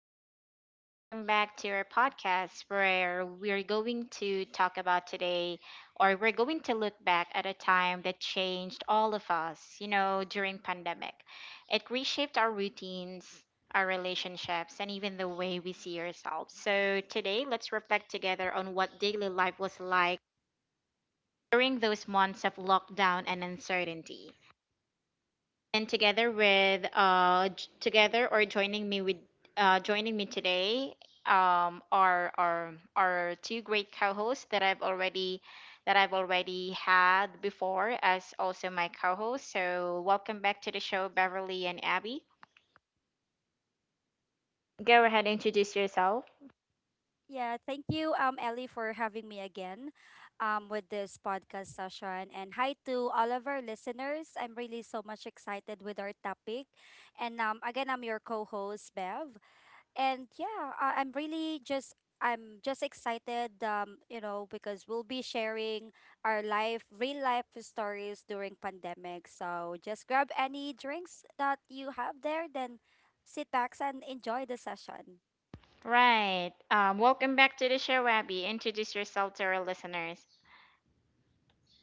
everybody, and welcome back to our podcast where we're going to talk about today, or we're going to look back at a time that changed all of us, during pandemic. It reshaped our routines, our relationships, and even the way we see ourselves. So today, let's reflect together on what daily life was like during those months of lockdown and uncertainty and together with j- together or joining me today, are two great co-hosts that I've already had before as also my co-host. So welcome back to the show, Beverly and Abby. Go ahead, introduce yourself. Yeah, thank you, Ellie, for having me again with this podcast session. And hi to all of our listeners. I'm really so much excited with our topic. And again, I'm your co host, Bev. And yeah, I'm really just. I'm just excited, because we'll be sharing our life, real life stories during pandemic. So just grab any drinks that you have there, then sit back and enjoy the session. Right. Welcome back to the show, Abby. Introduce yourself to our listeners.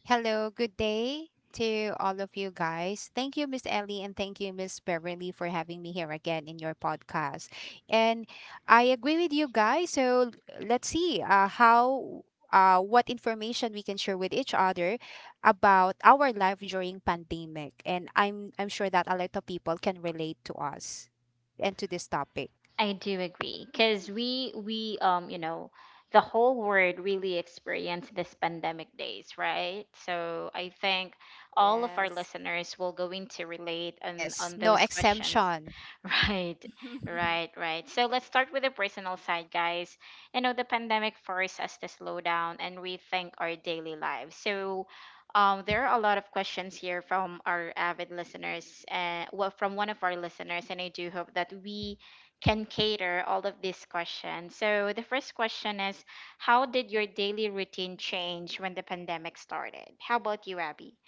Hello, good day to all of you guys. Thank you, Miss Ellie, and thank you, Miss Beverly, for having me here again in your podcast. And I agree with you guys. So let's see how. What information we can share with each other about our life during pandemic, and I'm sure that a lot of people can relate to us and to this topic. I do agree because we the whole world really experienced this pandemic days, right? So I think all of our Yes. listeners will going to relate on Yes, on no those questions. exemption. Right, right, right. So let's start with the personal side, guys. The pandemic forced us to slow down and rethink our daily lives. So there are a lot of questions here from our avid listeners, well, from one of our listeners, and I do hope that we can cater all of these questions. So the first question is: how did your daily routine change when the pandemic started? How about you, Abby?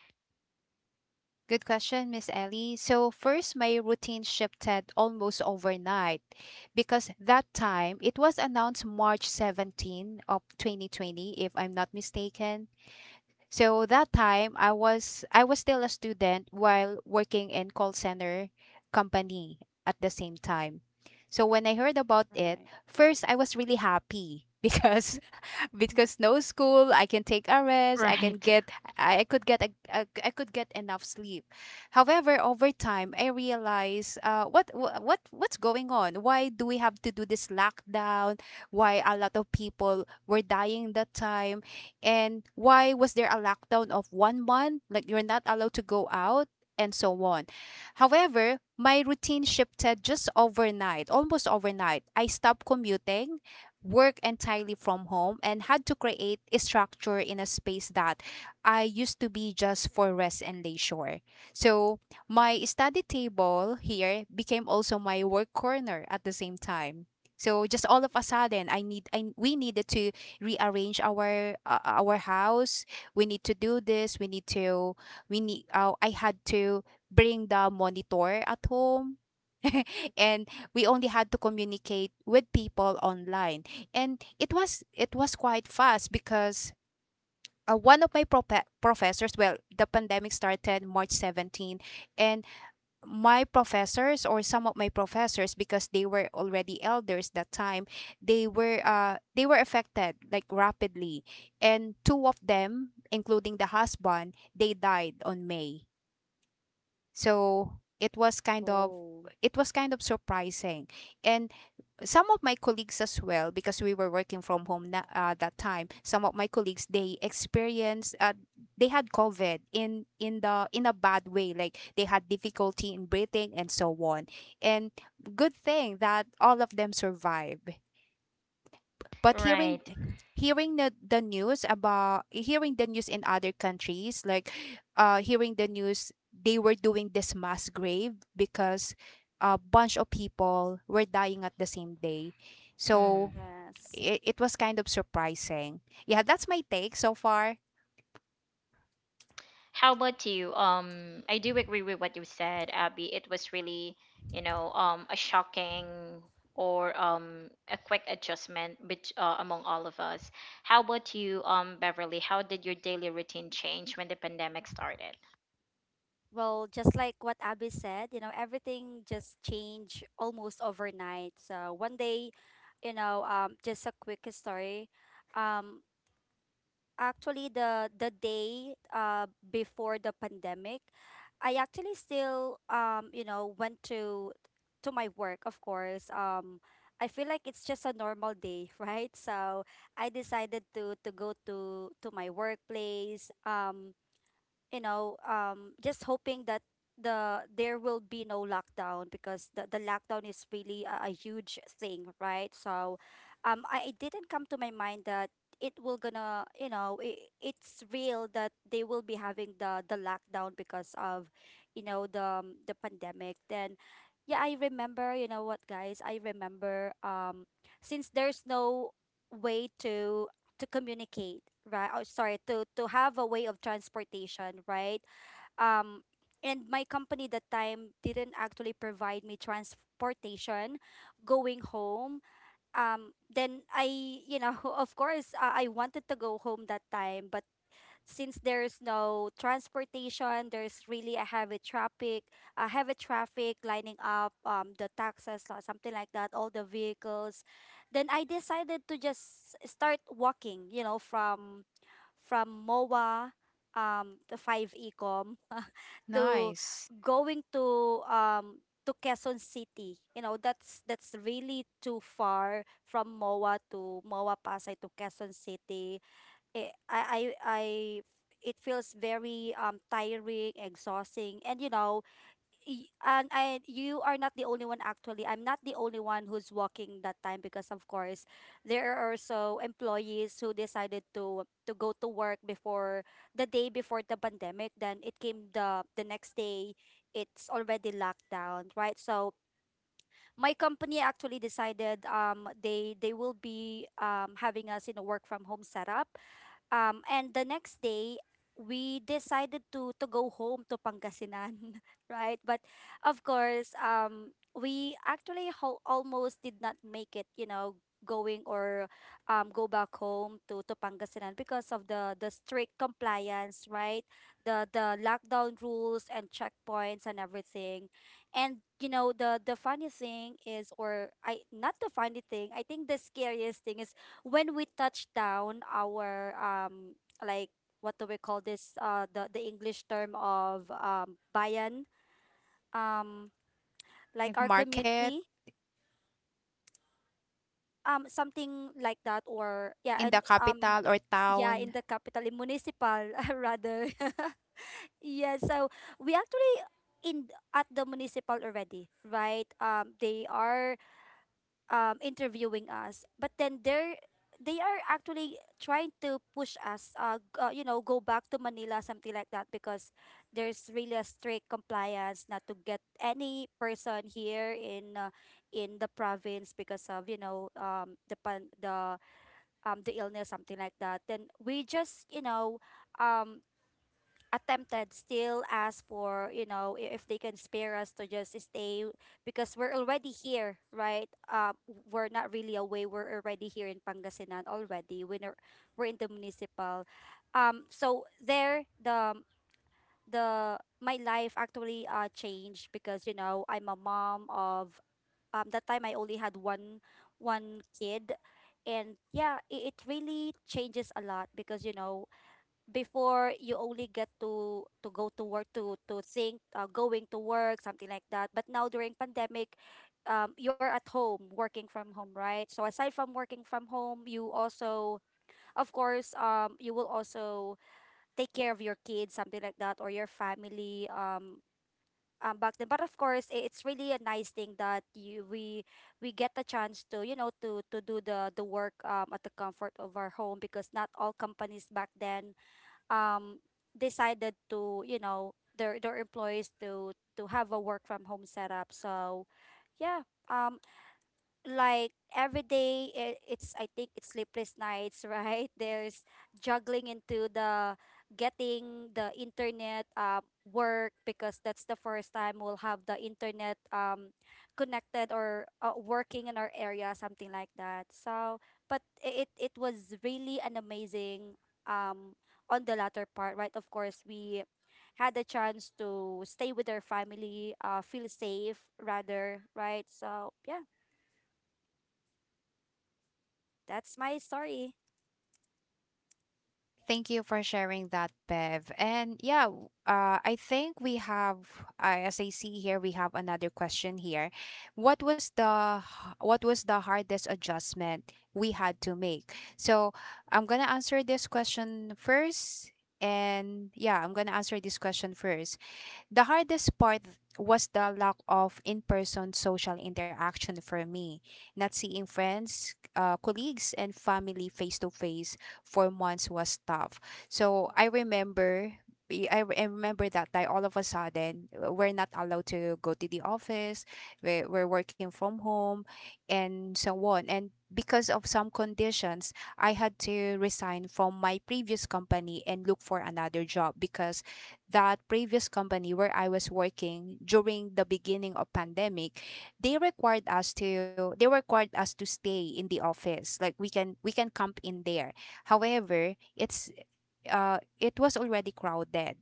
Good question, Miss Ellie. So, first, my routine shifted almost overnight because that time it was announced March 17th of 2020, if I'm not mistaken. So that time I was still a student while working in call center company at the same time. So when I heard about it, Right. first I was really happy because because no school, I can take a rest, I can Right. get I could get a I could get enough sleep. However, over time I realize what what's going on? Why do we have to do this lockdown? Why a lot of people were dying that time? And why was there a lockdown of 1 month, like you're not allowed to go out? And so on. However, my routine shifted just overnight, almost overnight. I stopped commuting, work entirely from home, and had to create a structure in a space that I used to be just for rest and leisure. So my study table here became also my work corner at the same time. So just all of a sudden, I need I we needed to rearrange our our house. We need to do this. We need to we need. I had to bring the monitor at home. And we only had to communicate with people online, and it was quite fast because, one of my professors, well, the pandemic started March 17, and my professors or some of my professors, because they were already elders that time, they were affected like rapidly, and two of them including the husband, they died on May. So it was kind of Oh. Surprising. And some of my colleagues as well, because we were working from home that time. Some of my colleagues, they experienced, they had covid in the in a bad way, like they had difficulty in breathing and so on. And good thing that all of them survived. But Right. Hearing the news in other countries, like, hearing the news, they were doing this mass grave because a bunch of people were dying at the same day. Mm. So Yes. it was kind of surprising. Yeah, that's my take so far. How about you? I do agree with what you said, Abby. It was really, a shocking or a quick adjustment among all of us. How about you, Beverly? How did your daily routine change when the pandemic started? Well, just like what Abby said, you know, everything just changed almost overnight. So one day, just a quick story. Um, Actually, the day before the pandemic, I actually still went to my work, of course. I feel like it's just a normal day, right? So I decided to go to my workplace. Just hoping that there will be no lockdown because the lockdown is really a huge thing, right? So, I it didn't come to my mind that it will gonna, you know, it it's real that they will be having the lockdown because of, the pandemic. Then, yeah, I remember. You know what, guys? I remember. Since there's no way to communicate right oh, sorry to have a way of transportation right um and my company that time didn't actually provide me transportation going home then I of course I wanted to go home that time but since there's no transportation, there's really a heavy traffic lining up the taxis or something like that, all the vehicles. Then I decided to just start walking, you know, from MOA to 5 Ecom to Nice. going to Quezon City. You know, that's really too far from MOA to MOA Pasay to Quezon City it, I, it feels very tiring, exhausting, and I, you are not the only one. Actually, I'm not the only one who's walking that time because, of course, there are also employees who decided to go to work before the day before the pandemic. Then it came the next day, it's already locked down, right? So my company actually decided they will be having us in a work from home setup and the next day, we decided to go home to Pangasinan, right? But of course, we actually almost did not make it. You know, going or go back home to Pangasinan because of the strict compliance, right? The lockdown rules and checkpoints and everything. And you know, the funny thing is, or I not the funny thing. I think the scariest thing is when we touched down our like what do we call this the english term of bayan, um like Like our market. community, something like that, or yeah. In the And capital or yeah, town. in the capital in municipal, rather. Yeah, so we actually in at the municipal already, right? They are interviewing us, but then they are actually trying to push us you know, go back to Manila, something like that, because there's really a strict compliance not to get any person here in the province because of, you know, the illness, something like that. Then we just, you know, um attempted still ask for, you know, if they can spare us to just stay because we're already here, right? We're not really away, we're already here in Pangasinan already, we're not- we're in the municipal. So there the my life actually changed because you know I'm a mom of that time I only had one kid. And yeah, it really changes a lot because you know before you only get to go to work to think going to work, something like that. But now during pandemic, you're at home working from home, right? So aside from working from home, you also of course you will also take care of your kids something like that or your family, back then. But of course it's really a nice thing that you we get the chance to you know to do the work at the comfort of our home, because not all companies back then um decided to, you know, their employees to have a work from home setup. So yeah, um like every day it's I think it's sleepless nights, right? There's juggling into the getting the internet work because that's the first time we'll have the internet connected or working in our area, something like that. So but it it was really an amazing um on the latter part, right? Of course we had the chance to stay with our family, feel safe rather, right? So yeah, that's my story. Thank you for sharing that, Bev. And yeah, I think we have, as I see here, we have another question here. What was the hardest adjustment we had to make? So I'm gonna answer this question first, and yeah, I'm gonna answer this question first. The hardest part was the lack of in person social interaction for me, not seeing friends, colleagues, and family face to face for months was tough. So I remember. I remember that I all of a sudden, we're not allowed to go to the office. We're working from home and so on. And because of some conditions, I had to resign from my previous company and look for another job because that previous company where I was working during the beginning of pandemic, they required us to stay in the office. Like we can camp in there. However, it's it was already crowded.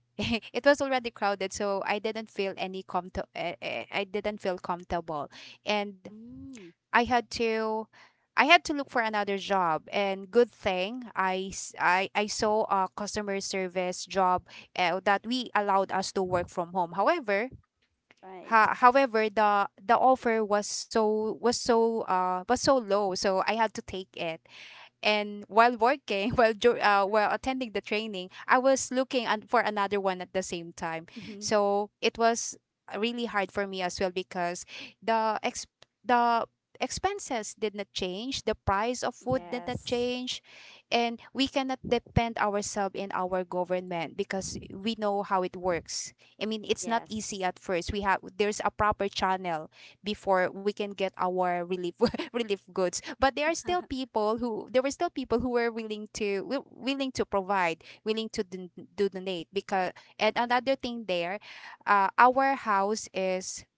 It was already crowded, so I didn't feel any com. I didn't feel comfortable, and Mm, I had to look for another job. And good thing I saw a customer service job, that we allowed us to work from home. However, Right. however the offer was so, was so low, so I had to take it. And while working, while attending the training, I was looking for another one at the same time. Mhm. So it was really hard for me as well, because the ex the expenses did not change, the price of food did not Yes. change, and we cannot depend ourselves in our government because we know how it works. I mean, it's not easy. Yes. At first, we have there's a proper channel before we can get our relief relief goods. But there were still people who were willing to provide, willing to don- do donate, because. And another thing there, uh, our house is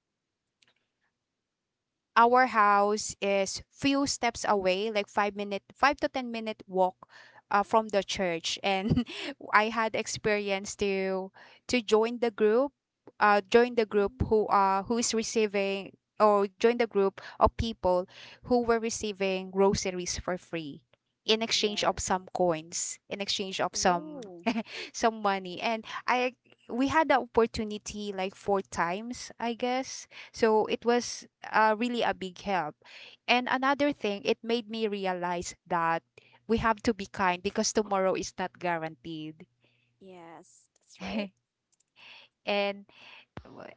our house is few steps away, like 5 to 10 minute walk, from the church. And I had experience to to join the group join the group Mm. Who is receiving or join the group of people who were receiving groceries for free, in exchange of Yes. some coins, in exchange of some Oh. some money. And I we had the opportunity like four times, I guess. So it was, really a big help. And another thing, it made me realize that we have to be kind because tomorrow is not guaranteed. Yes. That's right. and,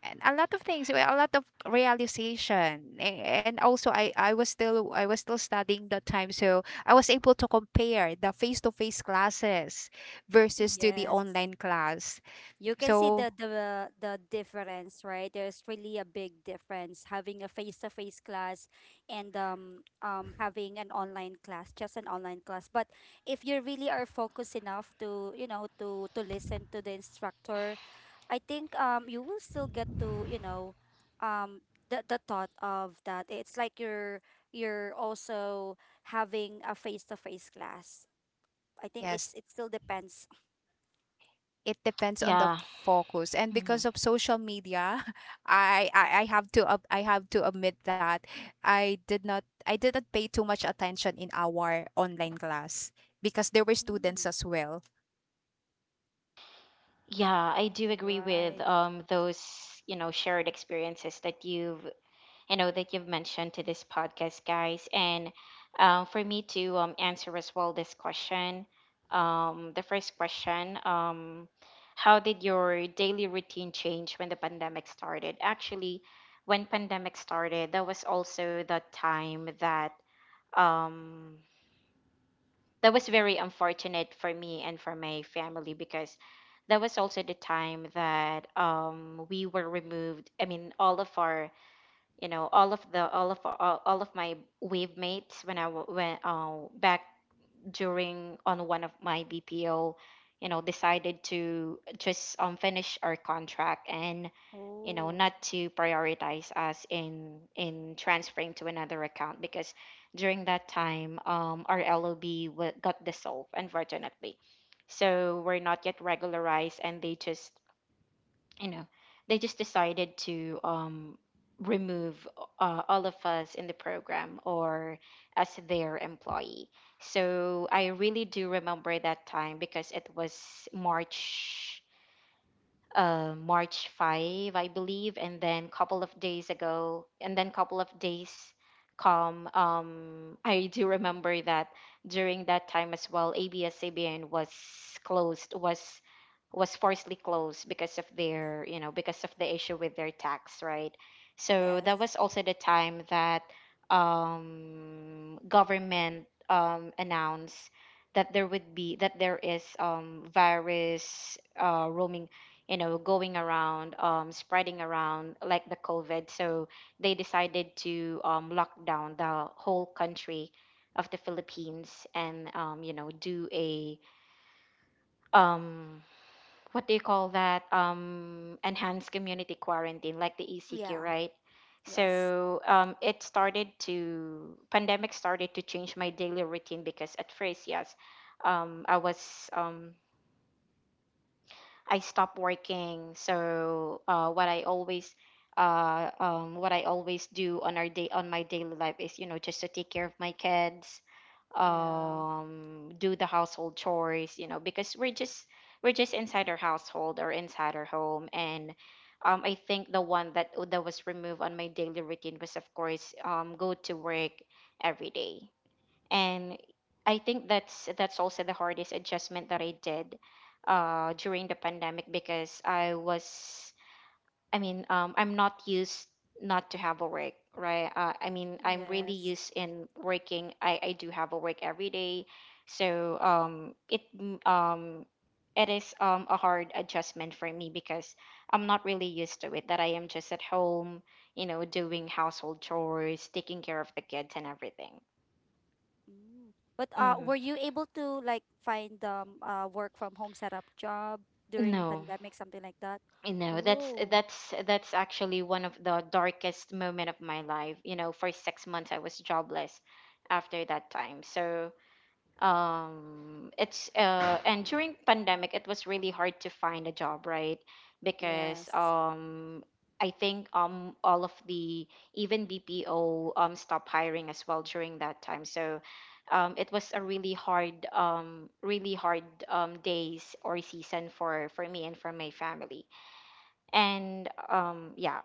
and a lot of things, well, a lot of realization. And also, I was still studying that time, so I was able to compare the face-to-face classes versus to the Yes. online class. You can see So the difference, right? There's really a big difference having a face-to-face class and having an online class, just an online class. But if you really are focused enough to you know to listen to the instructor, I think you will still get to, you know, um the thought of that it's like you're also having a face-to-face class. I think yes, it's it still depends. it depends on the Yeah. focus and because of social media. I have to I have to admit that I didn't pay too much attention in our online class, because there were students Mm, as well. Yeah, I do agree with Right. Those, shared experiences that that you've mentioned to this podcast, guys. And for me to answer as well this question, the first question, how did your daily routine change when the pandemic started? Actually, when pandemic started, that was also the time that um that was very unfortunate for me and for my family because that was also the time that we were removed, I mean, all of our all of the all of my wave mates, when back during on one of my BPO, decided to just finish our contract and Oh, not to prioritize us in transferring to another account because during that time, our lob got dissolved unfortunately. So we're not yet regularized and they just you know decided to, remove, all of us in the program or as their employee. So I really do remember that time because it was March 5, I believe, and then couple of days come. I do remember that during that time as well, ABS-CBN was closed, was forcibly closed because of their, because of the issue with their tax, right? So Yes. that was also the time that, government, announced that there would be that there is, virus, roaming, going around, spreading around like the COVID. So they decided to, lock down the whole country of the Philippines and, um, what do you call that? Enhanced community quarantine, like the ECQ, Yeah. right? Yes. So pandemic started to change my daily routine because at first, yes, um, I was um, I stopped working. So what I always do on our day on my daily life is just to take care of my kids, Yeah. Do the household chores, because we're just inside our household or inside our home and. I think the one that was removed on my daily routine was, of course, go to work every day. And I think that's also the hardest adjustment that I did, during the pandemic because I mean, I'm not used not to have a work, right? I mean, I'm really Yes. used in working. I do have a work every day. So it is, a hard adjustment for me because I'm not really used to it that I am just at home, doing household chores, taking care of the kids and everything. Mm. But hmm were you able to like find work from home setup job during no, pandemic, something like that? That's Oh, that's that's actually one of the darkest moment of my life. For 6 months I was jobless after that time. So it's and during pandemic it was really hard to find a job, right? Because yes. I think, all of the even BPO, stopped hiring as well during that time. So it was a really hard, days or season for me and for my family. And yeah.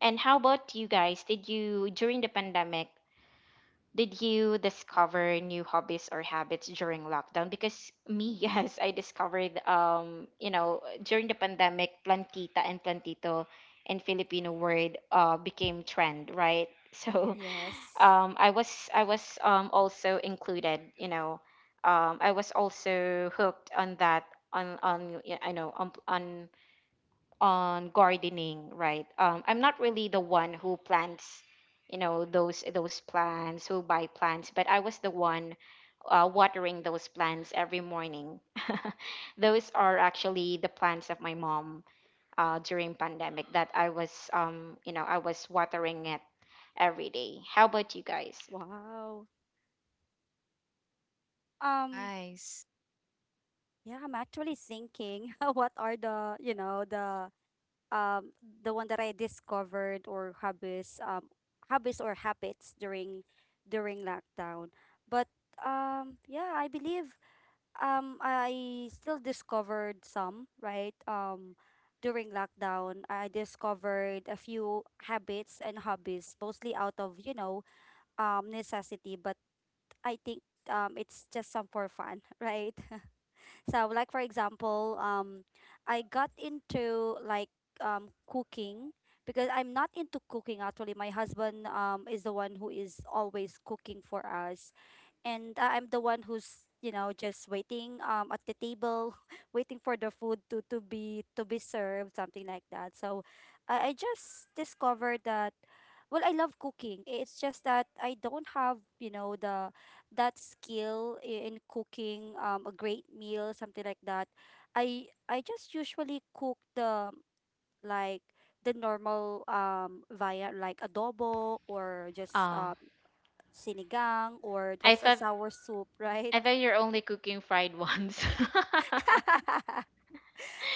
And how about you guys? During the pandemic, did you discover new hobbies or habits during lockdown? Because me, yes, I discovered, during the pandemic, plantita and plantito and Filipino word, became trend, right? So, Yes. I was also included, I was also hooked on that, on y- I know on gardening, right? I'm not really the one who plants, those plants, who buy plants, but I was the one, watering those plants every morning. Those are actually the plants of my mom, during pandemic that I was watering it every day. How about you guys? Wow. Um, Nice. Yeah, I'm actually thinking what are the, you know, um the one that I discovered or hobbies or habits during during lockdown. But yeah, I believe I still discovered some, right? During lockdown, I discovered a few habits and hobbies mostly out of, you know, necessity. But I think it's just some for fun, right? So, like for example, I got into like cooking, because I'm not into cooking actually. My husband is the one who is always cooking for us, and I'm the one who's you know just waiting at the table, waiting for the food to be served, something like that. So, I just discovered that. Well, I love cooking. It's just that I don't have, you know, the that skill in cooking a great meal, something like that. I just usually cook like the normal via like adobo or just Oh, sinigang, or I that's a thought sour soup, right? I thought you're only cooking fried ones.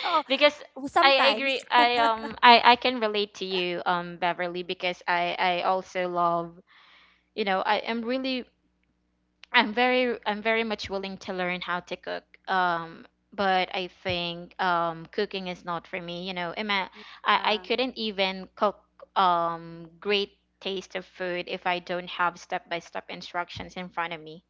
Oh, because I sometimes. agree. I can relate to you, Beverly, because I also love, I am really I'm very much willing to learn how to cook, but I think, cooking is not for me. I Yeah, couldn't even cook, great taste of food if I don't have step by step instructions in front of me.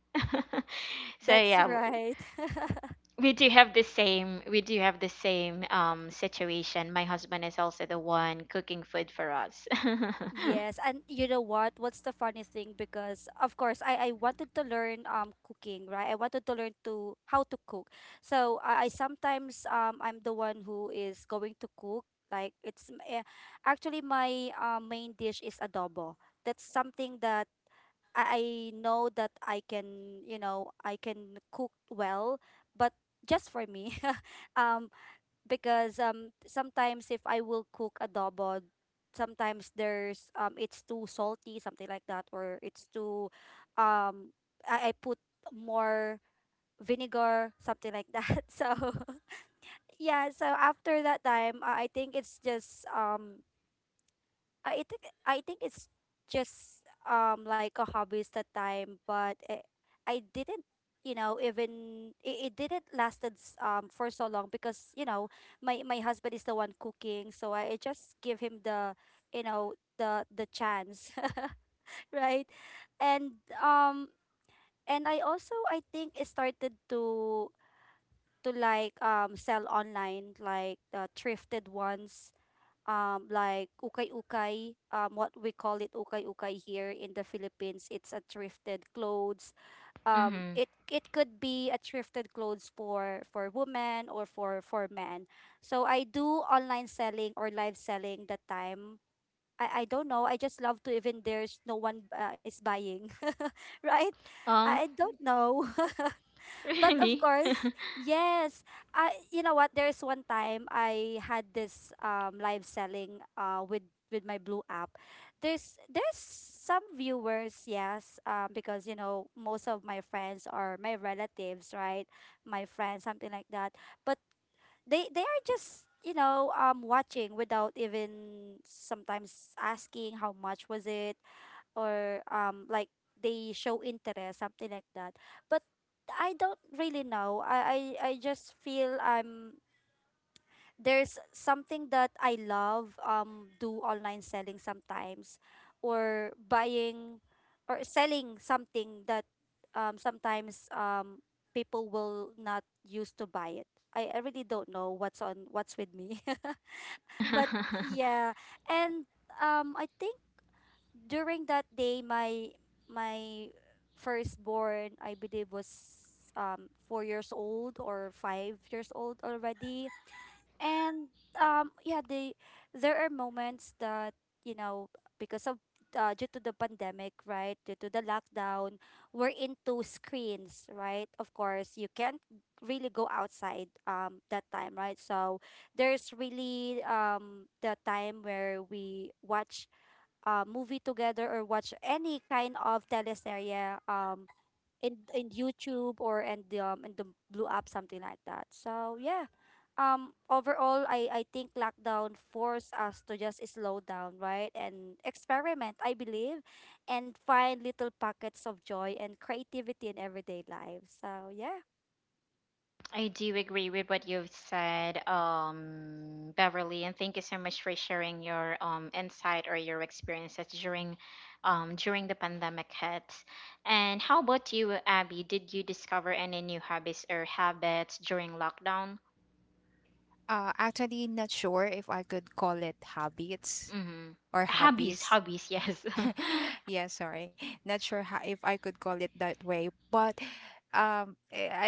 So that's yeah, right. we do have the same we do have the same situation. My husband is also the one cooking food for us. Yes, and you know what? What's the funny thing? Because of course, I wanted to learn cooking, right? I wanted to learn to how to cook. So I sometimes I'm the one who is going to cook. Like actually my main dish is adobo. That's something that I, I know that I can, you know, I can cook well, but just for me. um, because sometimes if I will cook adobo, sometimes there's it's too salty, something like that, or it's too um I put more vinegar, something like that. So yeah, so after that time, I think it's just I think it's just like a hobby at the time. But I didn't, you know, even it, it didn't lasted for so long because you know my husband is the one cooking, so I just give him the you know the chance, right? And um and I also I think I started to like sell online like the thrifted ones, like ukay-ukay, what we call it ukay-ukay here in the Philippines. It's a thrifted clothes, Hmm. it it could be a thrifted clothes for women or for men. So I do online selling or live selling that time. I don't know, I just love to, even there's no one is buying right, Oh, I don't know. But of really? course, yes. I You know what? There is one time I had this live selling with my blue app. There's some viewers, yes, because you know most of my friends are my relatives, right? My friends, something like that. But they are just watching without even sometimes asking how much was it or like they show interest something like that but I don't really know. I just feel I'm there's something that I love. Do online selling sometimes or buying or selling something that sometimes people will not use to buy it. I really don't know what's on what's with me but yeah. And I think during that day my my firstborn I believe was 4 years old or 5 years old already. And yeah, they there are moments that you know, because of due to the pandemic, right? Due to the lockdown, we're into screens, right? Of course you can't really go outside that time, right? So there's really the time where we watch movie together or watch any kind of teleserye in YouTube or in the Blue app, something like that. So yeah, overall I think lockdown forced us to just slow down, right? And experiment, I believe, and find little pockets of joy and creativity in everyday life. So yeah. I do agree with what you've said, Beverly, and thank you so much for sharing your, insight or your experiences during, during the pandemic hit. And how about you, Abby? Did you discover any new hobbies or habits during lockdown? Actually, not sure if I could call it habits Mm-hmm. or Hobbies, hobbies. hobbies, yes. Yeah, sorry, not sure how, if I could call it that way, but eh, I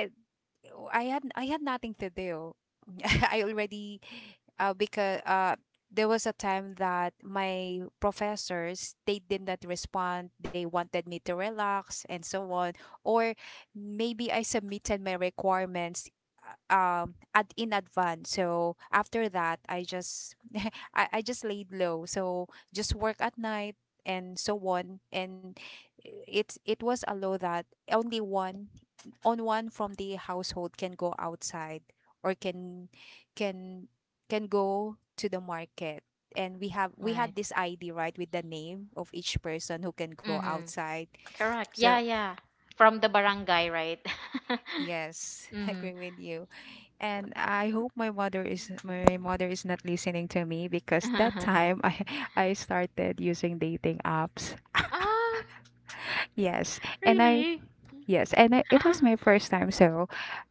Oh, I had nothing to do. I already, because there was a time that my professors, they did not respond. They wanted me to relax and so on. Or maybe I submitted my requirements, uh, at in advance. So after that I just I just laid low. So just work at night and so on. And it's it was a law that only one on one from the household can go outside, or can can go to the market. And we Right. had this id right, with the name of each person who can go Mm-hmm. outside. Correct. So Yeah, yeah. From the barangay, right? yes. I Mm-hmm. agree with you. And I hope my mother is not listening to me, because that time I I started using dating apps. Ah, Yes. and I really? Yes, and I, it was my first time, so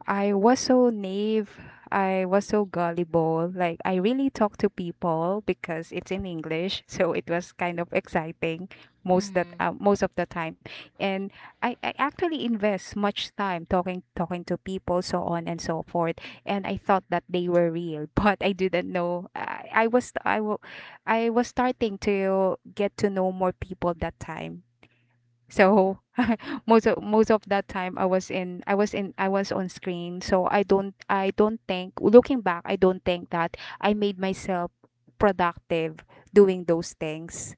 I was so naive. I was so gullible. Like, I really talked to people because it's in English, so it was kind of exciting most, that Mm-hmm. Most of the time. And I actually invest much time talking to people, so on and so forth. And I thought that they were real, but I didn't know. I was starting to get to know more people that time. So most of that time I was on screen. So I don't think, looking back, I don't think that I made myself productive doing those things.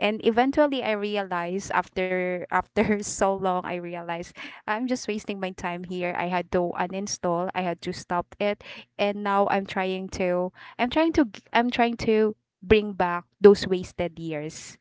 And eventually I realized after so long, I realized I'm just wasting my time here. I had to uninstall, I had to stop it. And now I'm trying to bring back those wasted years.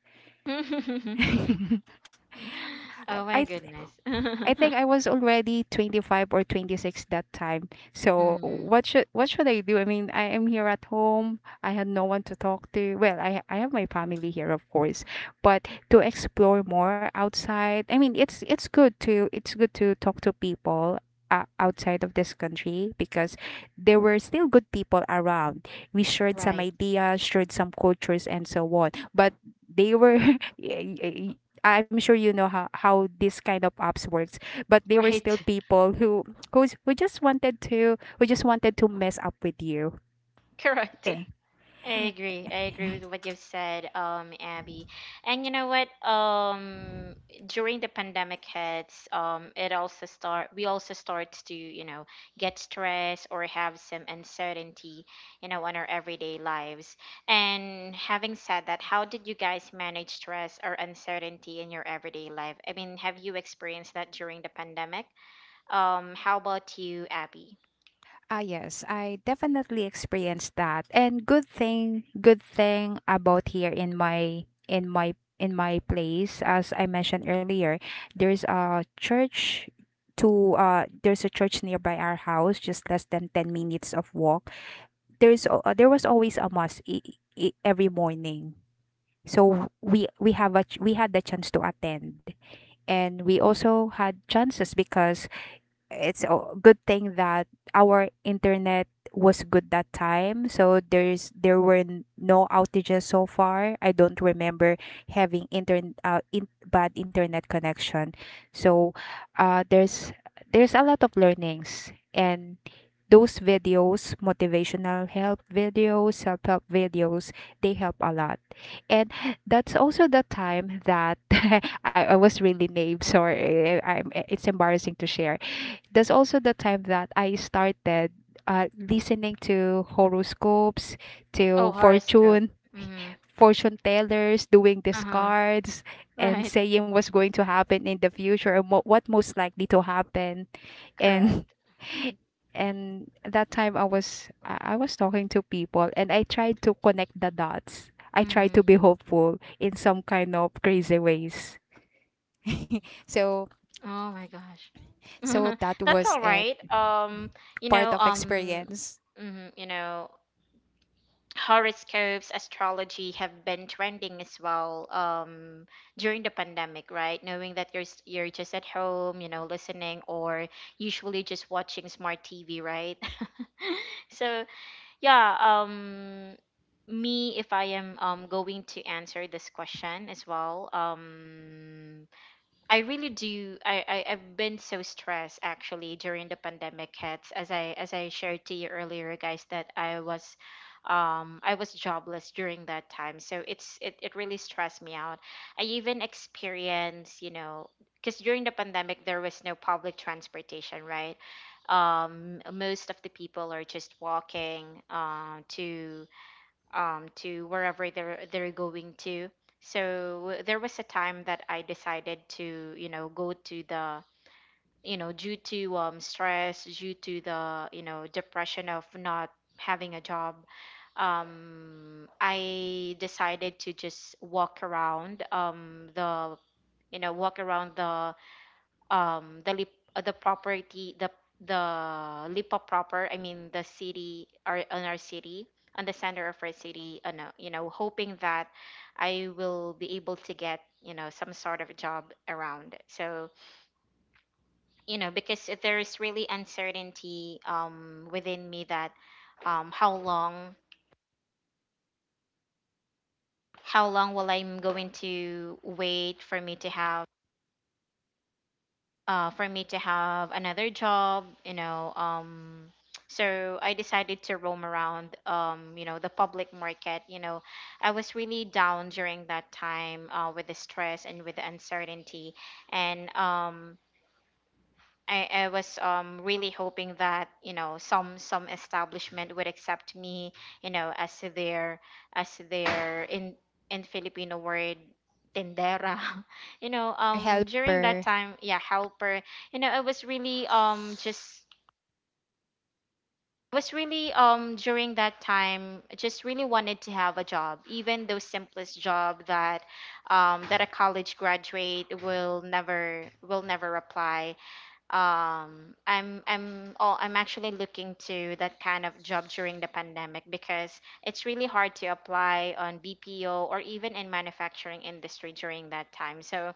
Mm. Oh I my I goodness. I think I was already 25 or 26 that time. So Mm, what should I do? I mean, I am here at home. I had no one to talk to. Well, I have my family here, of course, but to explore more outside. I mean, it's good to talk to people. Outside of this country, because there were still good people around. We shared some right, ideas, shared some cultures and so on. But they were I'm sure you know how this kind of apps works, but they were still right. people who who just wanted to mess up with you. Correct. Okay. I agree. I agree with what you've said, Abby. And you know what? During the pandemic hits, it also start we also start to, get stressed or have some uncertainty, on our everyday lives. And having said that, how did you guys manage stress or uncertainty in your everyday life? I mean, have you experienced that during the pandemic? How about you, Abby? Ah yes, I definitely experienced that. And good thing about here in my in my in my place, as I mentioned earlier, there's a church to there's a church nearby our house, just less than 10 minutes of walk. There was always a mass every morning. So we have a ch- we had the chance to attend, and we also had chances because it's a good thing that our internet was good that time, so there were no outages. So far I don't remember having bad internet connection. So uh there's there's a lot of learnings, and those videos, motivational help videos, self-help videos, they help a lot. And that's also the time that I was really naive. Sorry, I'm, it's embarrassing to share, that's also the time that I started listening to horoscopes, Oh, to horoscope. Mm-hmm. fortune tellers, doing these Uh-huh. cards, and Right. saying what's going to happen in the future and what most likely to happen. And Correct. and that time I was talking to people and I tried to connect the dots. I tried to Mm. be hopeful in some kind of crazy ways. so Oh my gosh. so That's that all was right. it. You know, Part of um, experience. mhm, you know, Horoscopes, astrology have been trending as well, during the pandemic, right? Knowing that you're just at home, listening or usually just watching smart TV, right? So, yeah, me if I am, going to answer this question as well, I really do. I've been so stressed actually during the pandemic hits, as I shared to you earlier, guys, that I was jobless during that time. So it really stressed me out. I even experienced, because during the pandemic there was no public transportation, right? Most of the people are just walking, to, to wherever they're going to. So there was a time that I decided to, go to the, due to, stress, due to the, depression of not having a job. I decided to just walk around, the walk around the, the lip the property, the lipa proper, I mean, the city our on our city on the center of our city, no, hoping that I will be able to get, some sort of job around. So, because there is really uncertainty, within me that, um how long how long will I'm going to wait for me to have, for me to have another job. So I decided to roam around, the public market. I was really down during that time, with the stress and with the uncertainty, and I was really hoping that some establishment would accept me, as their- as their in- Filipino word, tendera Or during helper. that time, yeah, helper. you know I was really um just I was really during that time just really wanted to have a job, even the simplest job that a college graduate will never apply. I'm actually looking to that kind of job during the pandemic, because it's really hard to apply on BPO or even in manufacturing industry during that time. So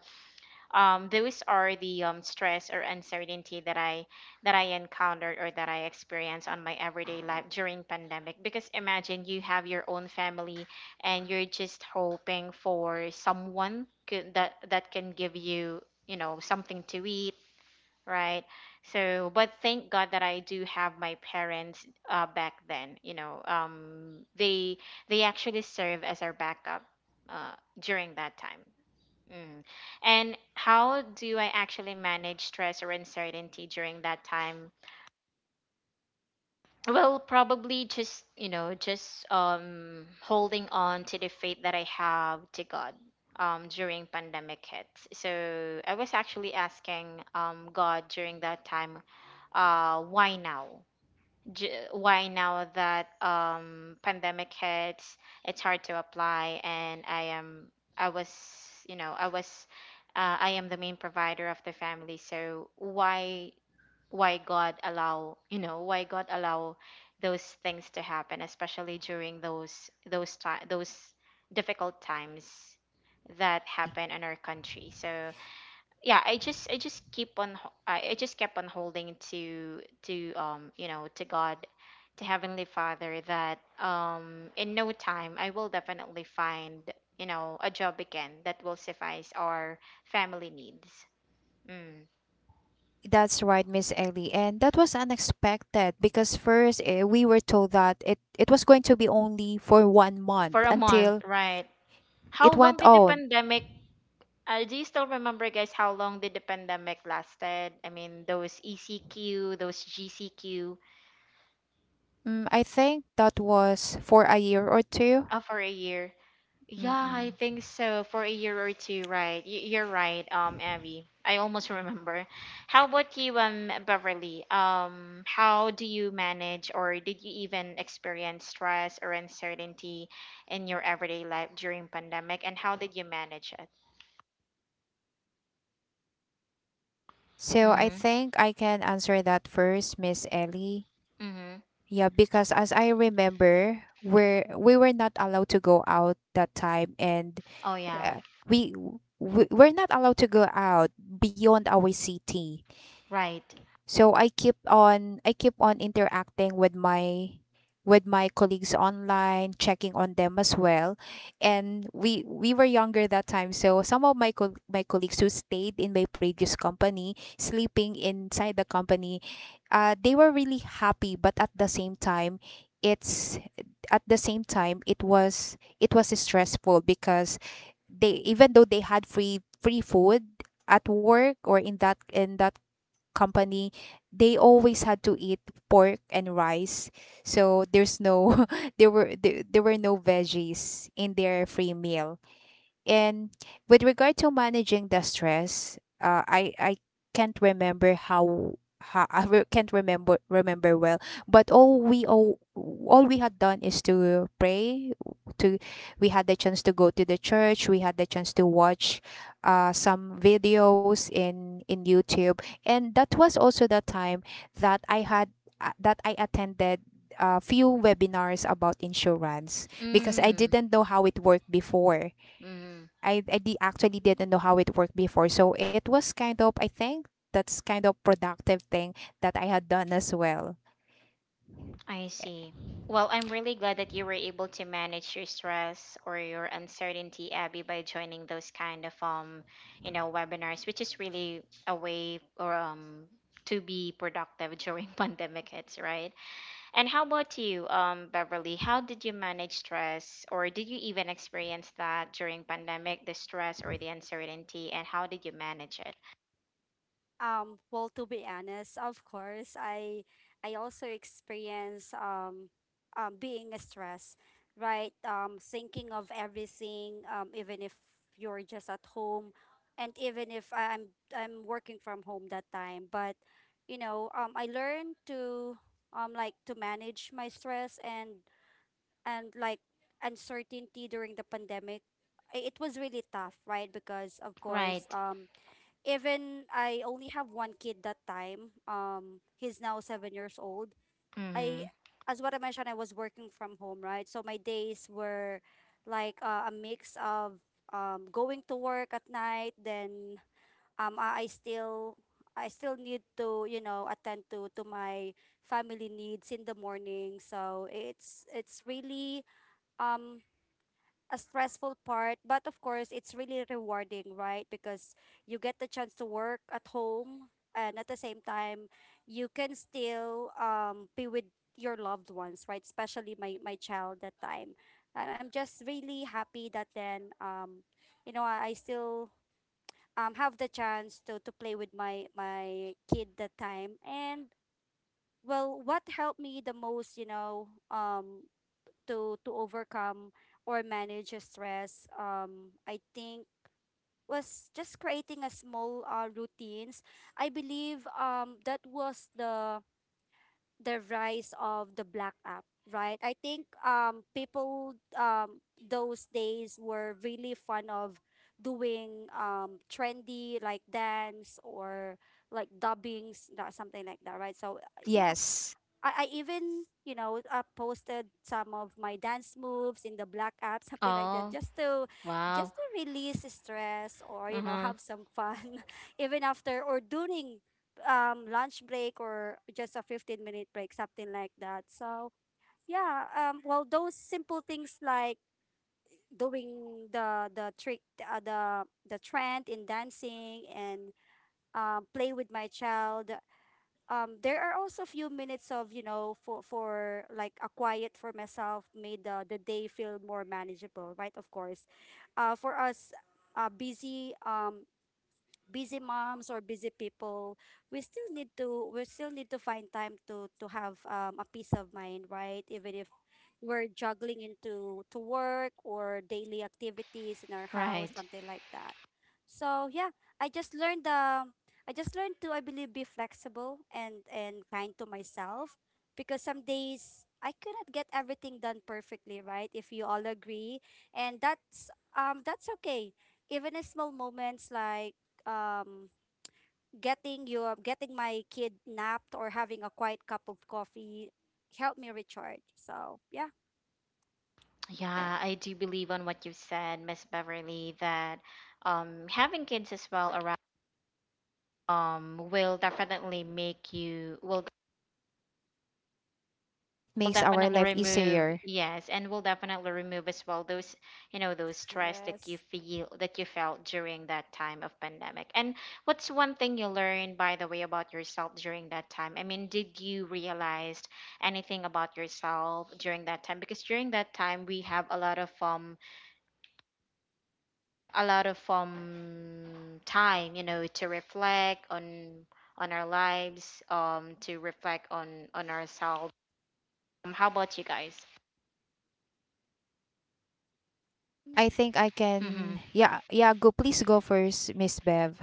those are the stress or uncertainty that I encountered, or that I experienced on my everyday life during pandemic, because imagine you have your own family, and you're just hoping for someone could, that can give you you know something to eat. Right. So, but thank God that I do have my parents, back then. They actually serve as our backup, during that time. Mm. And how do I actually manage stress or uncertainty during that time? Well, probably just holding on to the faith that I have to God. During pandemic hits, so I was actually asking, God, during that time, why now? Why now that, pandemic hits? It's hard to apply, and I am I was you know I was I am the main provider of the family. So why- why God allow you know why God allow those things to happen, especially during those difficult times that happen in our country. So, yeah, I just keep on ho- I just kept on holding to you know to God, to heavenly Father, that in no time I will definitely find, a job again that will suffice our family needs. Mm. That's right, Miss Ellie. And that was unexpected because first, we were told that it was going to be only for 1 month For a month, until right? How it long went did the on. pandemic- do you still remember, guys, how long did the pandemic lasted? I mean those ECQ, those GCQ. Mm, I think that was for a year or 2. For a year. Yeah, I Mm-mm. think so, for a year or two, right? You're right, Abby. I almost remember. How about you, Beverly? How do you manage, or did you even experience stress or uncertainty in your everyday life during pandemic, and how did you manage it? So I Mm-hmm. think I can answer that first, Miss Ellie. Mm-hmm. Yeah, because as I remember, we were not allowed to go out that time, and Oh yeah, uh, we, we we're not allowed to go out beyond our city. right. So I keep on interacting with my colleagues online, checking on them as well. And we were younger that time, so some of my colleagues who stayed in my previous company, sleeping inside the company, they were really happy, but at the same time, it's at the same time it was stressful because, they even though they had free food at work or in that company, they always had to eat pork and rice. So there's no there were there were no veggies in their free meal. And with regard to managing the stress, I can't remember how I can't remember well. But all we had done is to pray. To, we had the chance to go to the church. We had the chance to watch some videos in YouTube, and that was also the time that I had that I attended a few webinars about insurance because I Mm. didn't know how it worked before. Mm. I actually didn't know how it worked before. So it was kind of, I think that's kind of productive thing that I had done as well. I see. Well, I'm really glad that you were able to manage your stress or your uncertainty, Abby, by joining those kind of, webinars, which is really a way, or to be productive during pandemic hits, right? And how about you, Beverly? How did you manage stress, or did you even experience that during pandemic, the stress or the uncertainty, and how did you manage it? Well, to be honest, of course, I also experience being stressed, right? Thinking of everything, even if you're just at home, and even if I'm I'm working from home that time. But you know, I learned to like to manage my stress and like uncertainty during the pandemic. I- It was really tough, right? Because of course, Right. Even I only have one kid that time. He's now 7 years old. I, Mm-hmm. as what I mentioned, I was working from home, right? So my days were like a mix of going to work at night, then um, I, I still I still need to you know attend to my family needs in the morning. So it's really um a stressful part, but of course, it's really rewarding, right? Because you get the chance to work at home, and at the same time, you can still be with your loved ones, right? Especially my my child that time. And I'm just really happy that then you know, I still have the chance to play with my my kid that time and. Well, what helped me the most, you know, to overcome or manage a stress, I think was just creating a small routines. I believe that was the rise of the black app, right? I think people those days were really fun of doing trendy like dance or like dubbings that something like that, right? So yeah, Yes, I even, you know, posted some of my dance moves in the black app, something like that, Oh, wow. just to release stress or you know Mm-hmm. have some fun, even after or during lunch break or just a 15 minute break, something like that. So yeah, well, those simple things like doing the trick, the trend in dancing and play with my child, there are also a few minutes of you know for like a quiet for myself made the day feel more manageable, right? Of course for us busy busy moms or busy people, we still need to we still need to find time to have a peace of mind, right? Even if we're juggling into to work or daily activities in our house, Right. something like that. So yeah, I just learned um I just learned to, I believe, be flexible and kind to myself, because some days I cannot get everything done perfectly, right? If you all agree. And that's okay. Even in small moments like um getting my kid napped or having a quiet cup of coffee helped me recharge. So yeah. Yeah, I do believe on what you said, Miss Beverly, that, having kids as well around will definitely make you- will it will makes our definitely life remove- easier. yes, and will definitely remove as well those, those stress that you Yes. feel that you felt during that time of pandemic. And what's one thing you learned, by the way, about yourself during that time? I mean, did you realize anything about yourself during that time? Because during that time we have a lot of time, to reflect on our lives, to reflect on ourselves. How about you guys? I Mm. think I Mm-hmm. can, yeah, yeah, go, please go first, Miss Bev.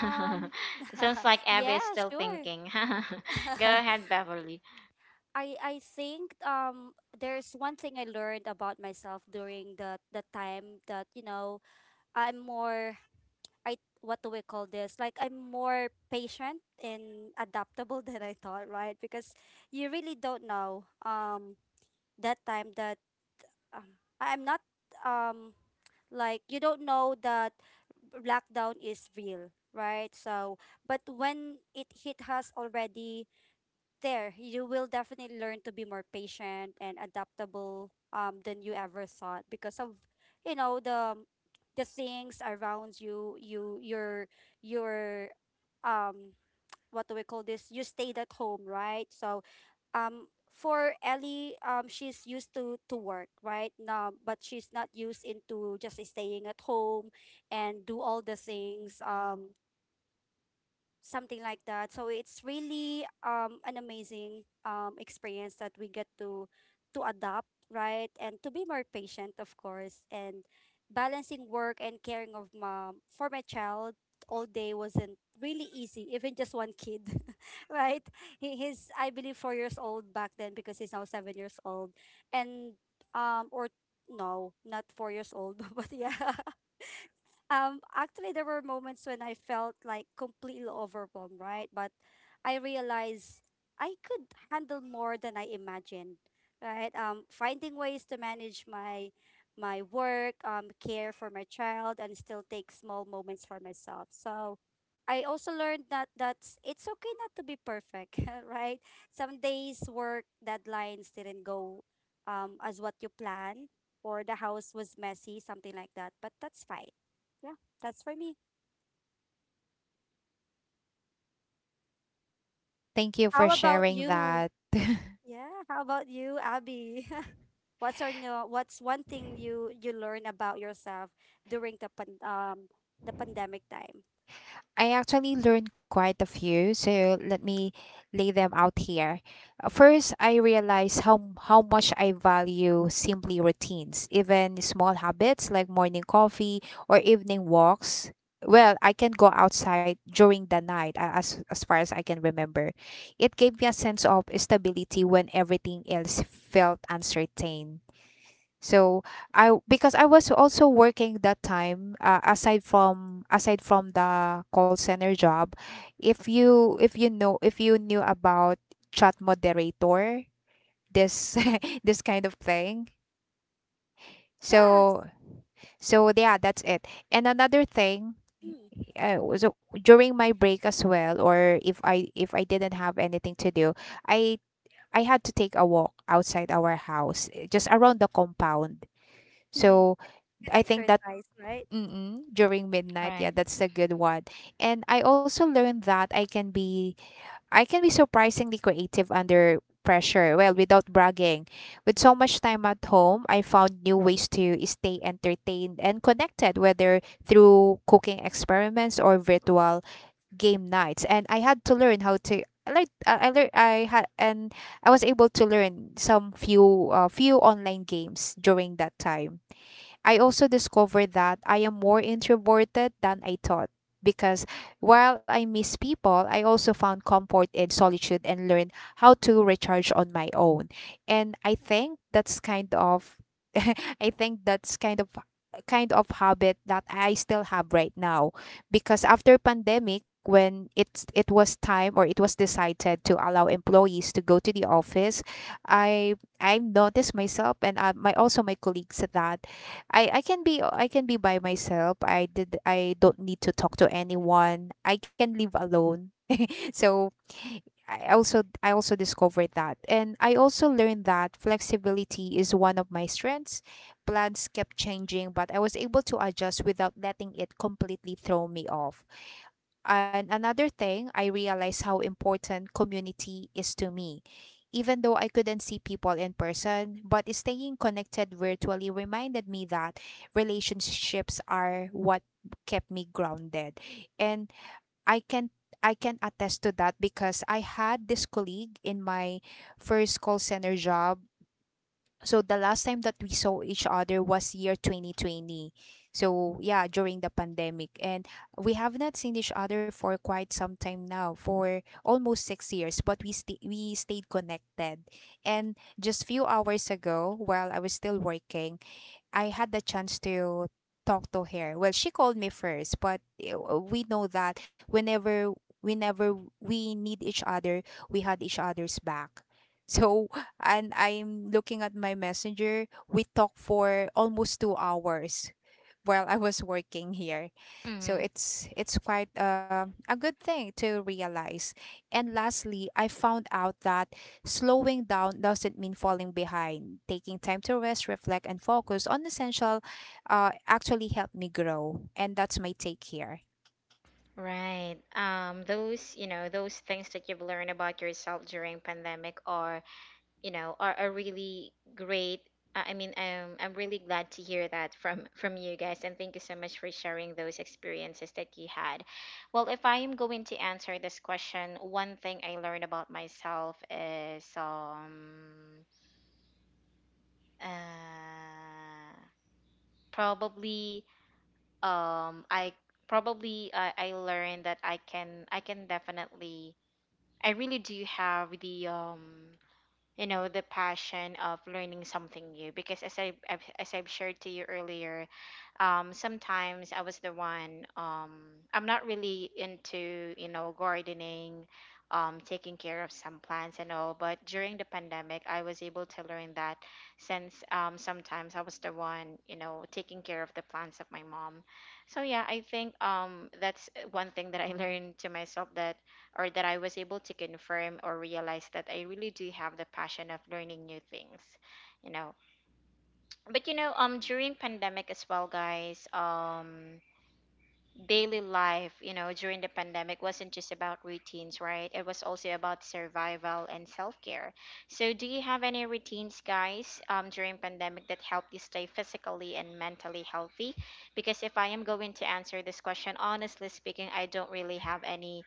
Um, Sounds like Abby yeah, is still sure. thinking. Go ahead, Beverly. I think there's one thing I learned about myself during the time that you know, I'm more I what do we call this, like I'm more patient and adaptable than I thought, right? Because you really don't know that time that I am not um like you don't know that lockdown is real, right? So, but when it hit us already there, you will definitely learn to be more patient and adaptable than you ever thought because of you know the things around you your um what do we call this? You stayed at home, right? So, for Ellie, she's used to work, right? Now, but she's not used into just staying at home and do all the things. Something like that. So it's really an amazing experience that we get to adopt, right? And to be more patient, of course, and balancing work and caring of mom for my child all day wasn't really easy, even just one kid, right? He, he's I believe 4 years old back then because he's now 7 years old, and or no, not 4 years old, but yeah, actually, there were moments when I felt like completely overwhelmed, right? But I realized I could handle more than I imagined, right? Finding ways to manage my my work, care for my child, and still take small moments for myself. So I also learned that that's it's okay not to be perfect, right? Some days work deadlines didn't go as what you planned, or the house was messy, something like that. But that's fine. Yeah, that's for me. Thank you for How about sharing you? that. Yeah, how about you, Abby? What's or no, what's one thing you you learn about yourself during the pan, the pandemic time? I actually learned quite a few, so let me lay them out here. First, I realized how much I value simply routines, even small habits like morning coffee or evening walks. Well, I can go outside during the night, as far as I can remember. It gave me a sense of stability when everything else felt uncertain. So, I, because I was also working that time, aside from the call center job, if you know if you knew about chat moderator, this this kind of thing. Yes. So, so yeah, that's it. And another thing, Mm. So during my break as well, or if I didn't have anything to do, I I had to take a walk outside our house, just around the compound. Mm. So An I think exercise, that, right? mm-mm, during midnight. Yeah, Right. that's a good one. And I also learned that I can be surprisingly creative under pressure. Well, without bragging. With so much time at home, I found new ways to stay entertained and connected, whether through cooking experiments or virtual game nights. And I had to learn how to, I learned, I learned, I had, and I was able to learn few online games during that time. I also discovered that I am more introverted than I thought because, while I miss people, I also found comfort in solitude and learned how to recharge on my own. And I think that's kind of I think that's kind of habit that I still have right now, because after pandemic, when it was time, or it was decided to allow employees to go to the office, I noticed myself and my, also my colleagues, that I can be by myself. I don't need to talk to anyone. I can live alone. So I also, I also discovered that. And I also learned that flexibility is one of my strengths. Plans kept changing, but I was able to adjust without letting it completely throw me off. And another thing, I realized how important community is to me. Even though I couldn't see people in person, but staying connected virtually reminded me that relationships are what kept me grounded. And I can, I can attest to that because I had this colleague in my first call center job. So the last time that we saw each other was year 2020. So yeah, during the pandemic, and we have not seen each other for quite some time now, for almost 6 years, but we stayed connected. And just few hours ago while I was still working, I had the chance to talk to her. Well, she called me first, but we know that whenever we need each other, we had each other's back. So, and I'm looking at my messenger. We talked for almost 2 hours while I was working here. So Mm-hmm. it's quite a good thing to realize. And lastly, I found out that slowing down doesn't mean falling behind. Taking time to rest, reflect, and focus on essential, actually helped me grow. And that's my take here. Right. Those, those things that you've learned about yourself during pandemic are, are really great. I mean, I'm really glad to hear that from from you guys, and thank you so much for sharing those experiences that you had. Well, if I am going to answer this question, one thing I learned about myself is, uh, probably, um i I learned that I can definitely- I really do have the, the passion of learning something new, because as I've shared to you earlier, sometimes I was the one- I'm not really into, gardening, taking care of some plants and all. But during the pandemic I was able to learn that, since sometimes I was the one, taking care of the plants of my mom. So, yeah, I think that's one thing that I learned to myself, that- or that I was able to confirm or realize that I really do have the passion of learning new things, you know. But, during pandemic as well, guys, daily life, you know, during the pandemic wasn't just about routines, right? It was also about survival and self-care. So do you have any routines, guys, during pandemic that helped you stay physically and mentally healthy? Because if I am going to answer this question, honestly speaking, I don't really have any,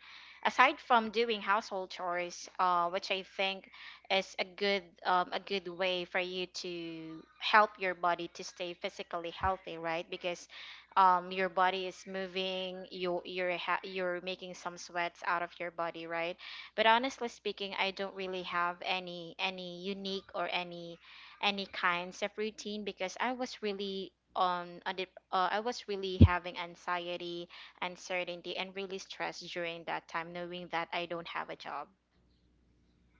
aside from doing household chores, which I think is a good way for you to help your body to stay physically healthy, right? Because your body is moving, you're making some sweats out of your body, right? But honestly speaking, I don't really have any unique, or any kinds of routine, because I was really on a dip, I was really having anxiety, uncertainty, and really stress during that time, knowing that I don't have a job,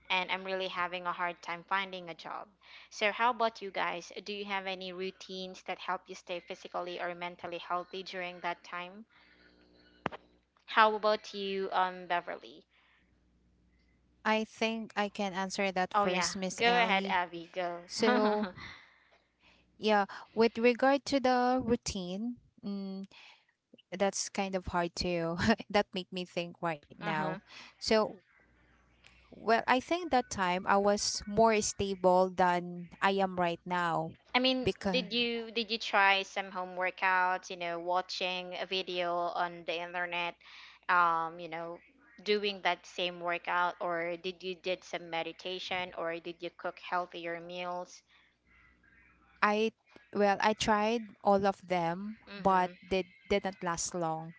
and I'm really having a hard time finding a job. So, how about you guys? Do you have any routines that help you stay physically or mentally healthy during that time? How about you, Beverly? I think I can answer that Oh yeah, first, Miss go ahead, Ellie. Abby. Go. So, Uh-huh. yeah, with regard to the routine, mm, that's kind of hard to that made me think right now. So, well, I think that time I was more stable than I am right now I mean, because, did you try some home workouts? You know, watching a video on the internet. Um, you know, doing that same workout, or did you- did some meditation, or did you cook healthier meals? I, well, I tried all of them, but Mm-hmm. they didn't last long.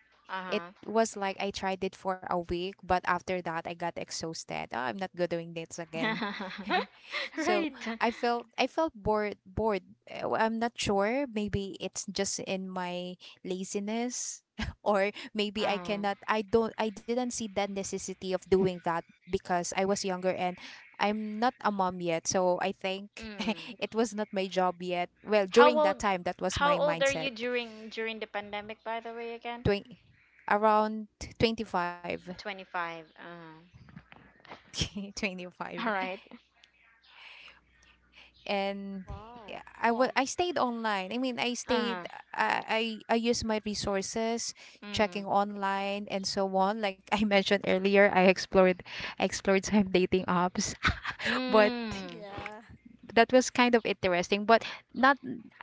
It Uh was like I tried it for a week, but after that I got exhausted. Oh, I'm not good doing this again. huh. So Right. Mm. I felt, bored, Well, I'm not sure. Maybe it's just in my laziness or maybe I Uh, cannot, I didn't see that necessity of doing that because I was younger and I'm not a mom yet. So I think mm. it was not my job yet. Well, How during that old? time that was How my old are you mindset. during the pandemic? By the way, again, Twen- Around 25. 25. 25. All right. And Wow. yeah, I wa- Um, I stayed online I mean I stayed, Uh. I used my resources checking Mm. online and so on. Like I mentioned earlier, I explored some dating apps. But Mm. yeah. that was kind of interesting, but not. I-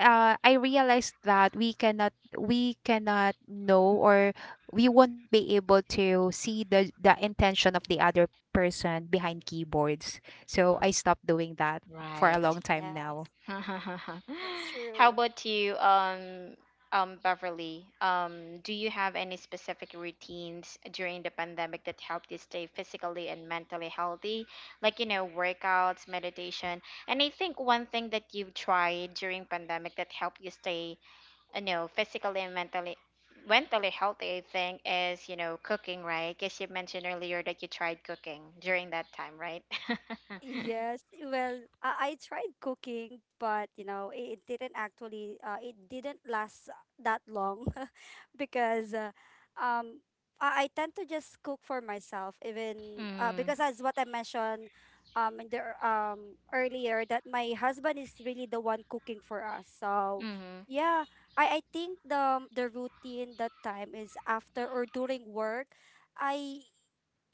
I realized that we cannot know, or we won't be able to see the intention of the other person behind keyboards. So I stopped doing that for a Right. long time Yes, now. that's How true. about you, Beverly? Do you have any specific routines during the pandemic that helped you stay physically and mentally healthy? Like, you know, workouts, meditation. And I think one thing that you've tried during pandemic that helped you stay, you know, physically and mentally healthy, I think, is, you know, cooking, right? Because you mentioned earlier that you tried cooking during that time, right? Yes, well, I tried cooking, but you know, it didn't actually it didn't last that long because um I tend to just cook for myself, even because Mm-hmm. as what I mentioned earlier that my husband is really the one cooking for us. So, yeah, I think the routine that time is after or during work. I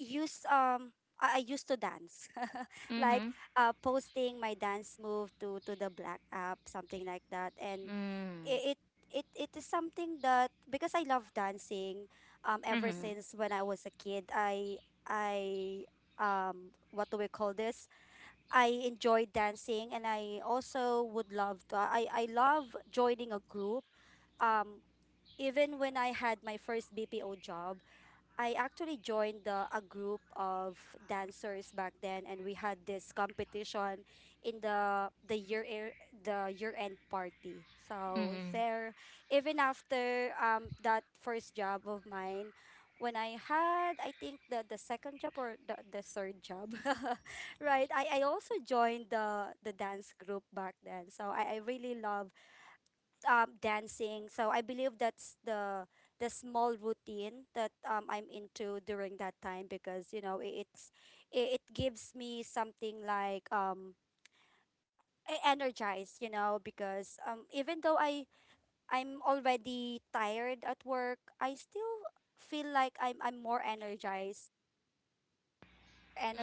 used um I used to dance like Mm-hmm. Posting my dance move to the black app, something like that. And Mm. it, it it is something that because I love dancing ever Mhm. since when I was a kid I what do we call this? I enjoy dancing, and I also would love to I love joining a group. um even when I had my first BPO job, I actually joined the a group of dancers back then, and we had this competition in the year air- the year end party. So Mhm. there even after that first job of mine, when I had I think the second job or the third job, right, I also joined the dance group back then. So I really love dancing. So I believe that's the small routine that I'm into during that time, because you know I- it's it, it gives me something like energized, you know, because even though I'm already tired at work, I still feel like I'm more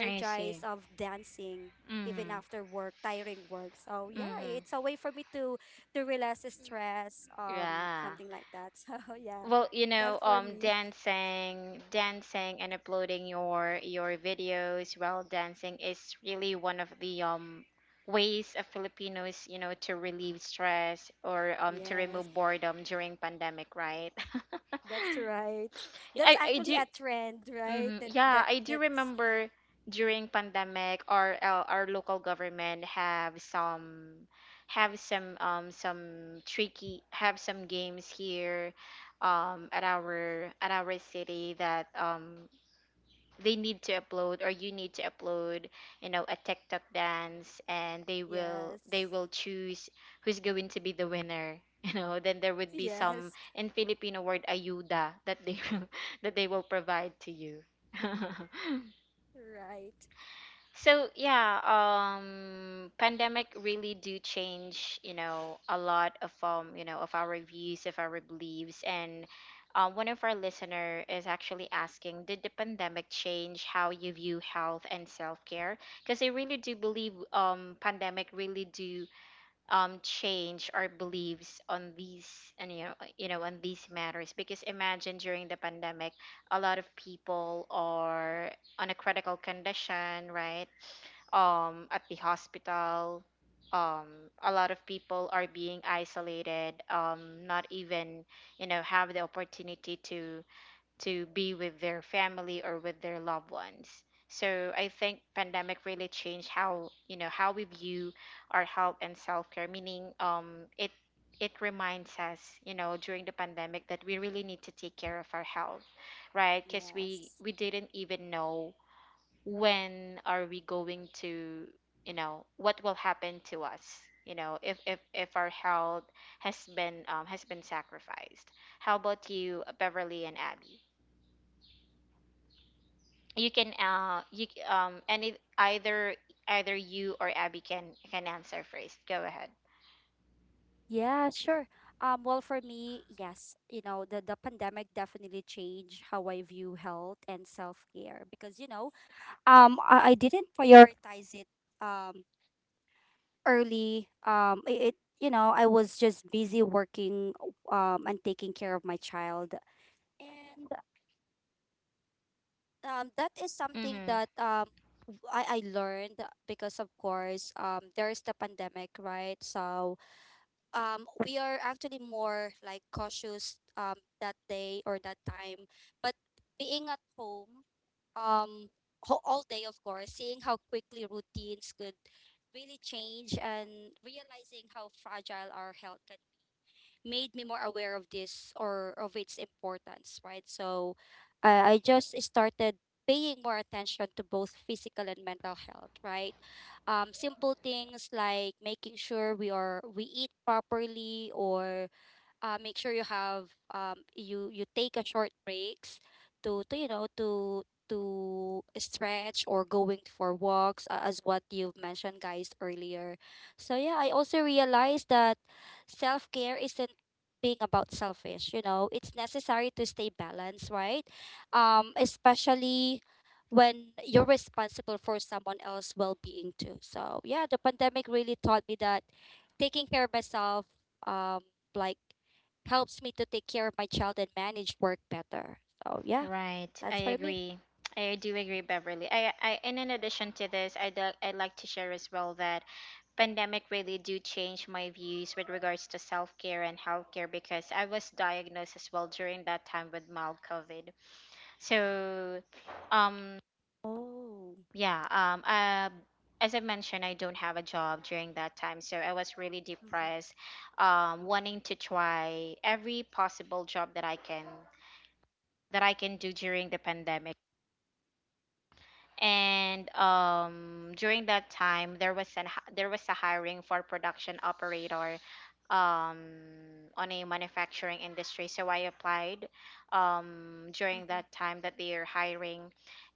I see. of dancing even Mhm. after work, tiring work. So yeah, Mhm. it's a way for me to relax the stress, Yeah. something like that. So yeah, Well, that's for me. dancing, dancing, and uploading your videos while dancing is really one of the ways of Filipinos, you know, to relieve stress or to Yes, remove boredom during pandemic, right? that's right. That's I actually do a trend, right? hmm That Yeah, that I do that's remember, during pandemic, our, our local government have some- have some tricky have some games here, at our city, that they need to upload, or you need to upload, you know, a tiktok dance, and they will they yes, will choose who's going to be the winner, then there would be some- yes, in Filipino word ayuda that they will- that they will provide to you. right. So, yeah, pandemic really do change, you know, a lot of, of our views, of our beliefs, and, one of our listener is actually asking, did the pandemic change how you view health and self care? Because I really do believe, pandemic really do change our beliefs on these, and on these matters, because imagine during the pandemic a lot of people are on a critical condition, right? At the hospital, a lot of people are being isolated, not even, have the opportunity to be with their family or with their loved ones. So I think pandemic really changed how- how we view our health and self care. Meaning, it reminds us, during the pandemic, that we really need to take care of our health, right? Because we Yes. we didn't even know when are we going to- what will happen to us. If if our health has been sacrificed. How about you, Beverly and Abby? You can you c- and it Either you or Abby can answer first. Go ahead. Yeah, sure. Well, for me, yes, you know, the pandemic definitely changed how I view health and self-care because, you know, I didn't prioritize it um early it, you know, I was just busy working and taking care of my child. And that is something Mm-hmm. that I learned because of course there is the pandemic, right? So we are actually more like cautious that day or that time, but being at home um all day, of course, seeing how quickly routines could really change and realizing how fragile our health can, made me more aware of this or of its importance, right? So I just started paying more attention to both physical and mental health, right? Simple things like making sure we are we eat properly or make sure you have you you take a short breaks to you know to stretch or going for walks, as what you've mentioned, guys, earlier. So yeah, I also realized that self-care isn't being about selfish, you know, it's necessary to stay balanced, right? Especially when you're responsible for someone else's well-being too. So yeah, the pandemic really taught me that taking care of myself um like helps me to take care of my child and manage work better. So yeah, Right. that's I for me. agree. I do agree, Beverly. I and in addition to this, I'd like to share as well that pandemic really do change my views with regards to self-care and healthcare because I was diagnosed as well during that time with mild COVID. So, um Oh. Yeah, um, uh, as I mentioned, I don't have a job during that time, so I was really Mm-hmm. depressed, wanting to try every possible job that I can do during the pandemic. And during that time, there was a hiring for production operator um on a manufacturing industry, so I applied during Mm-hmm. that time that they are hiring.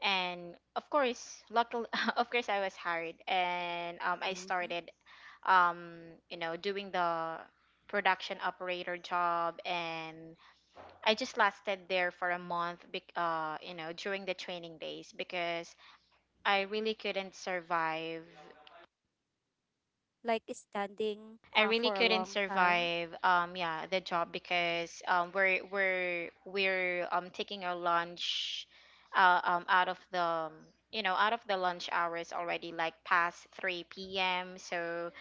And of course, luckily, of course I was hired, and I Mm-hmm. started doing the production operator job. And I just lasted there for a month during the training days, because I really couldn't survive. Like standing I really for a couldn't long time. survive. Yeah, the job, because we're taking our lunch out of the out of the lunch hours already, like past 3 p.m. So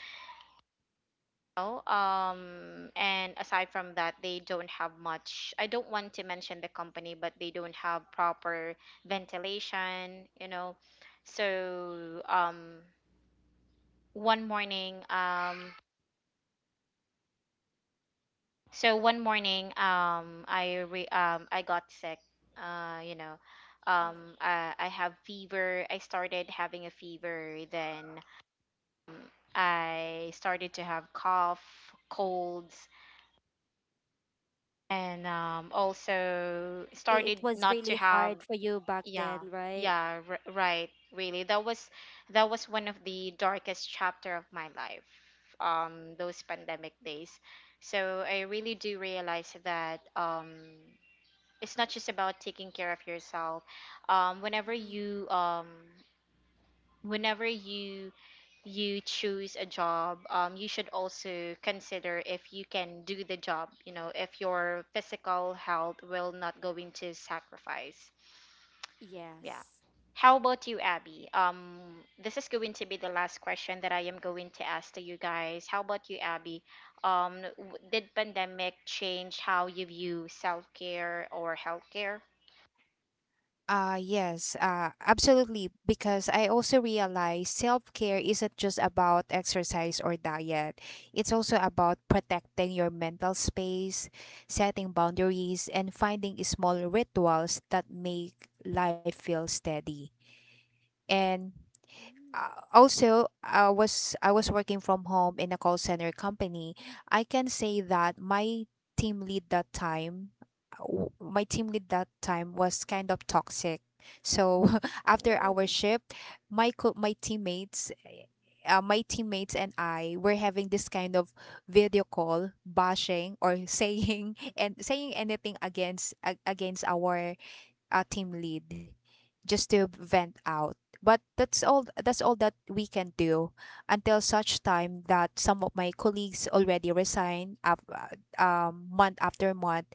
and aside from that, they don't have much. I don't want to mention the company, but they don't have proper ventilation. You know, so one morning, um. So one morning, I got sick. Uh, you know, I have fever. I started having a fever. Then I started to have cough, colds, and also It started was not really to have. hard for you back Yeah, then, right? yeah, right. Really, that was one of the darkest chapter of my life. Those pandemic days. So I really do realize that. It's not just about taking care of yourself um whenever Mm-hmm. you um whenever you choose a job. You should also consider if you can do the job, you know, if your physical health will not go into sacrifice. Yeah. Yes. How about you, Abby? This is going to be the last question that I am going to ask to you guys. How about you, Abby? Did pandemic change how you view self-care or health care? Yes, Absolutely. Because I also realize self care isn't just about exercise or diet, it's also about protecting your mental space, setting boundaries, and finding small rituals that make life feel steady. And Mm. Also, I was working from home in a call center company. I can say that team lead that time my team lead that time was kind of toxic. So after our Oh. shift, my co- my teammates my teammates and I were having this kind of video call, bashing or saying and saying anything against against our team lead, just to vent out. But that's all that we can do, until such time that some of my colleagues already resign, month after month.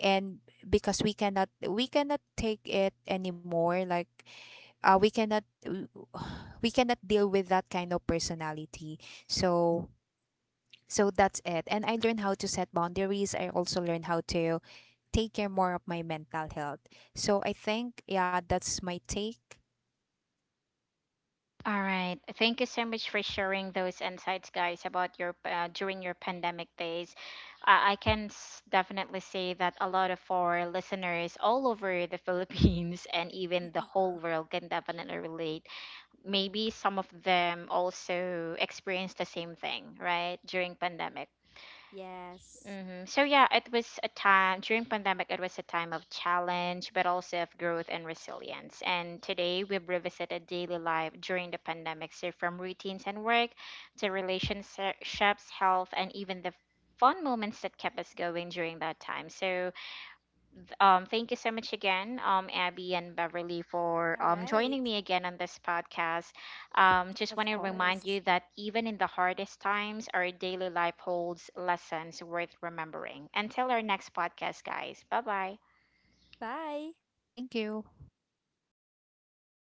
And because we cannot take it anymore, like, we cannot we cannot deal with that kind of personality. So, so that's it. And I learned how to set boundaries. I also learned how to take care more of my mental health. So I think, yeah, that's my take. All right. Thank you so much for sharing those insights, guys, about your during your pandemic days. Definitely say that a lot of our listeners all over the Philippines and even the whole world can definitely relate. Maybe some of them also experienced the same thing, right, during pandemic. Yes. So yeah, it was a time during pandemic. It was a time of challenge, but also of growth and resilience. And today we've revisited daily life during the pandemic, so from routines and work to relationships, health, and even the fun moments that kept us going during that time. So thank you so much again, Abby and Beverly, All for right. joining me again on this podcast. Just Of want to remind course. you that even in the hardest times, our daily life holds lessons worth remembering. Until our next podcast, guys. Bye bye. Bye. Thank you.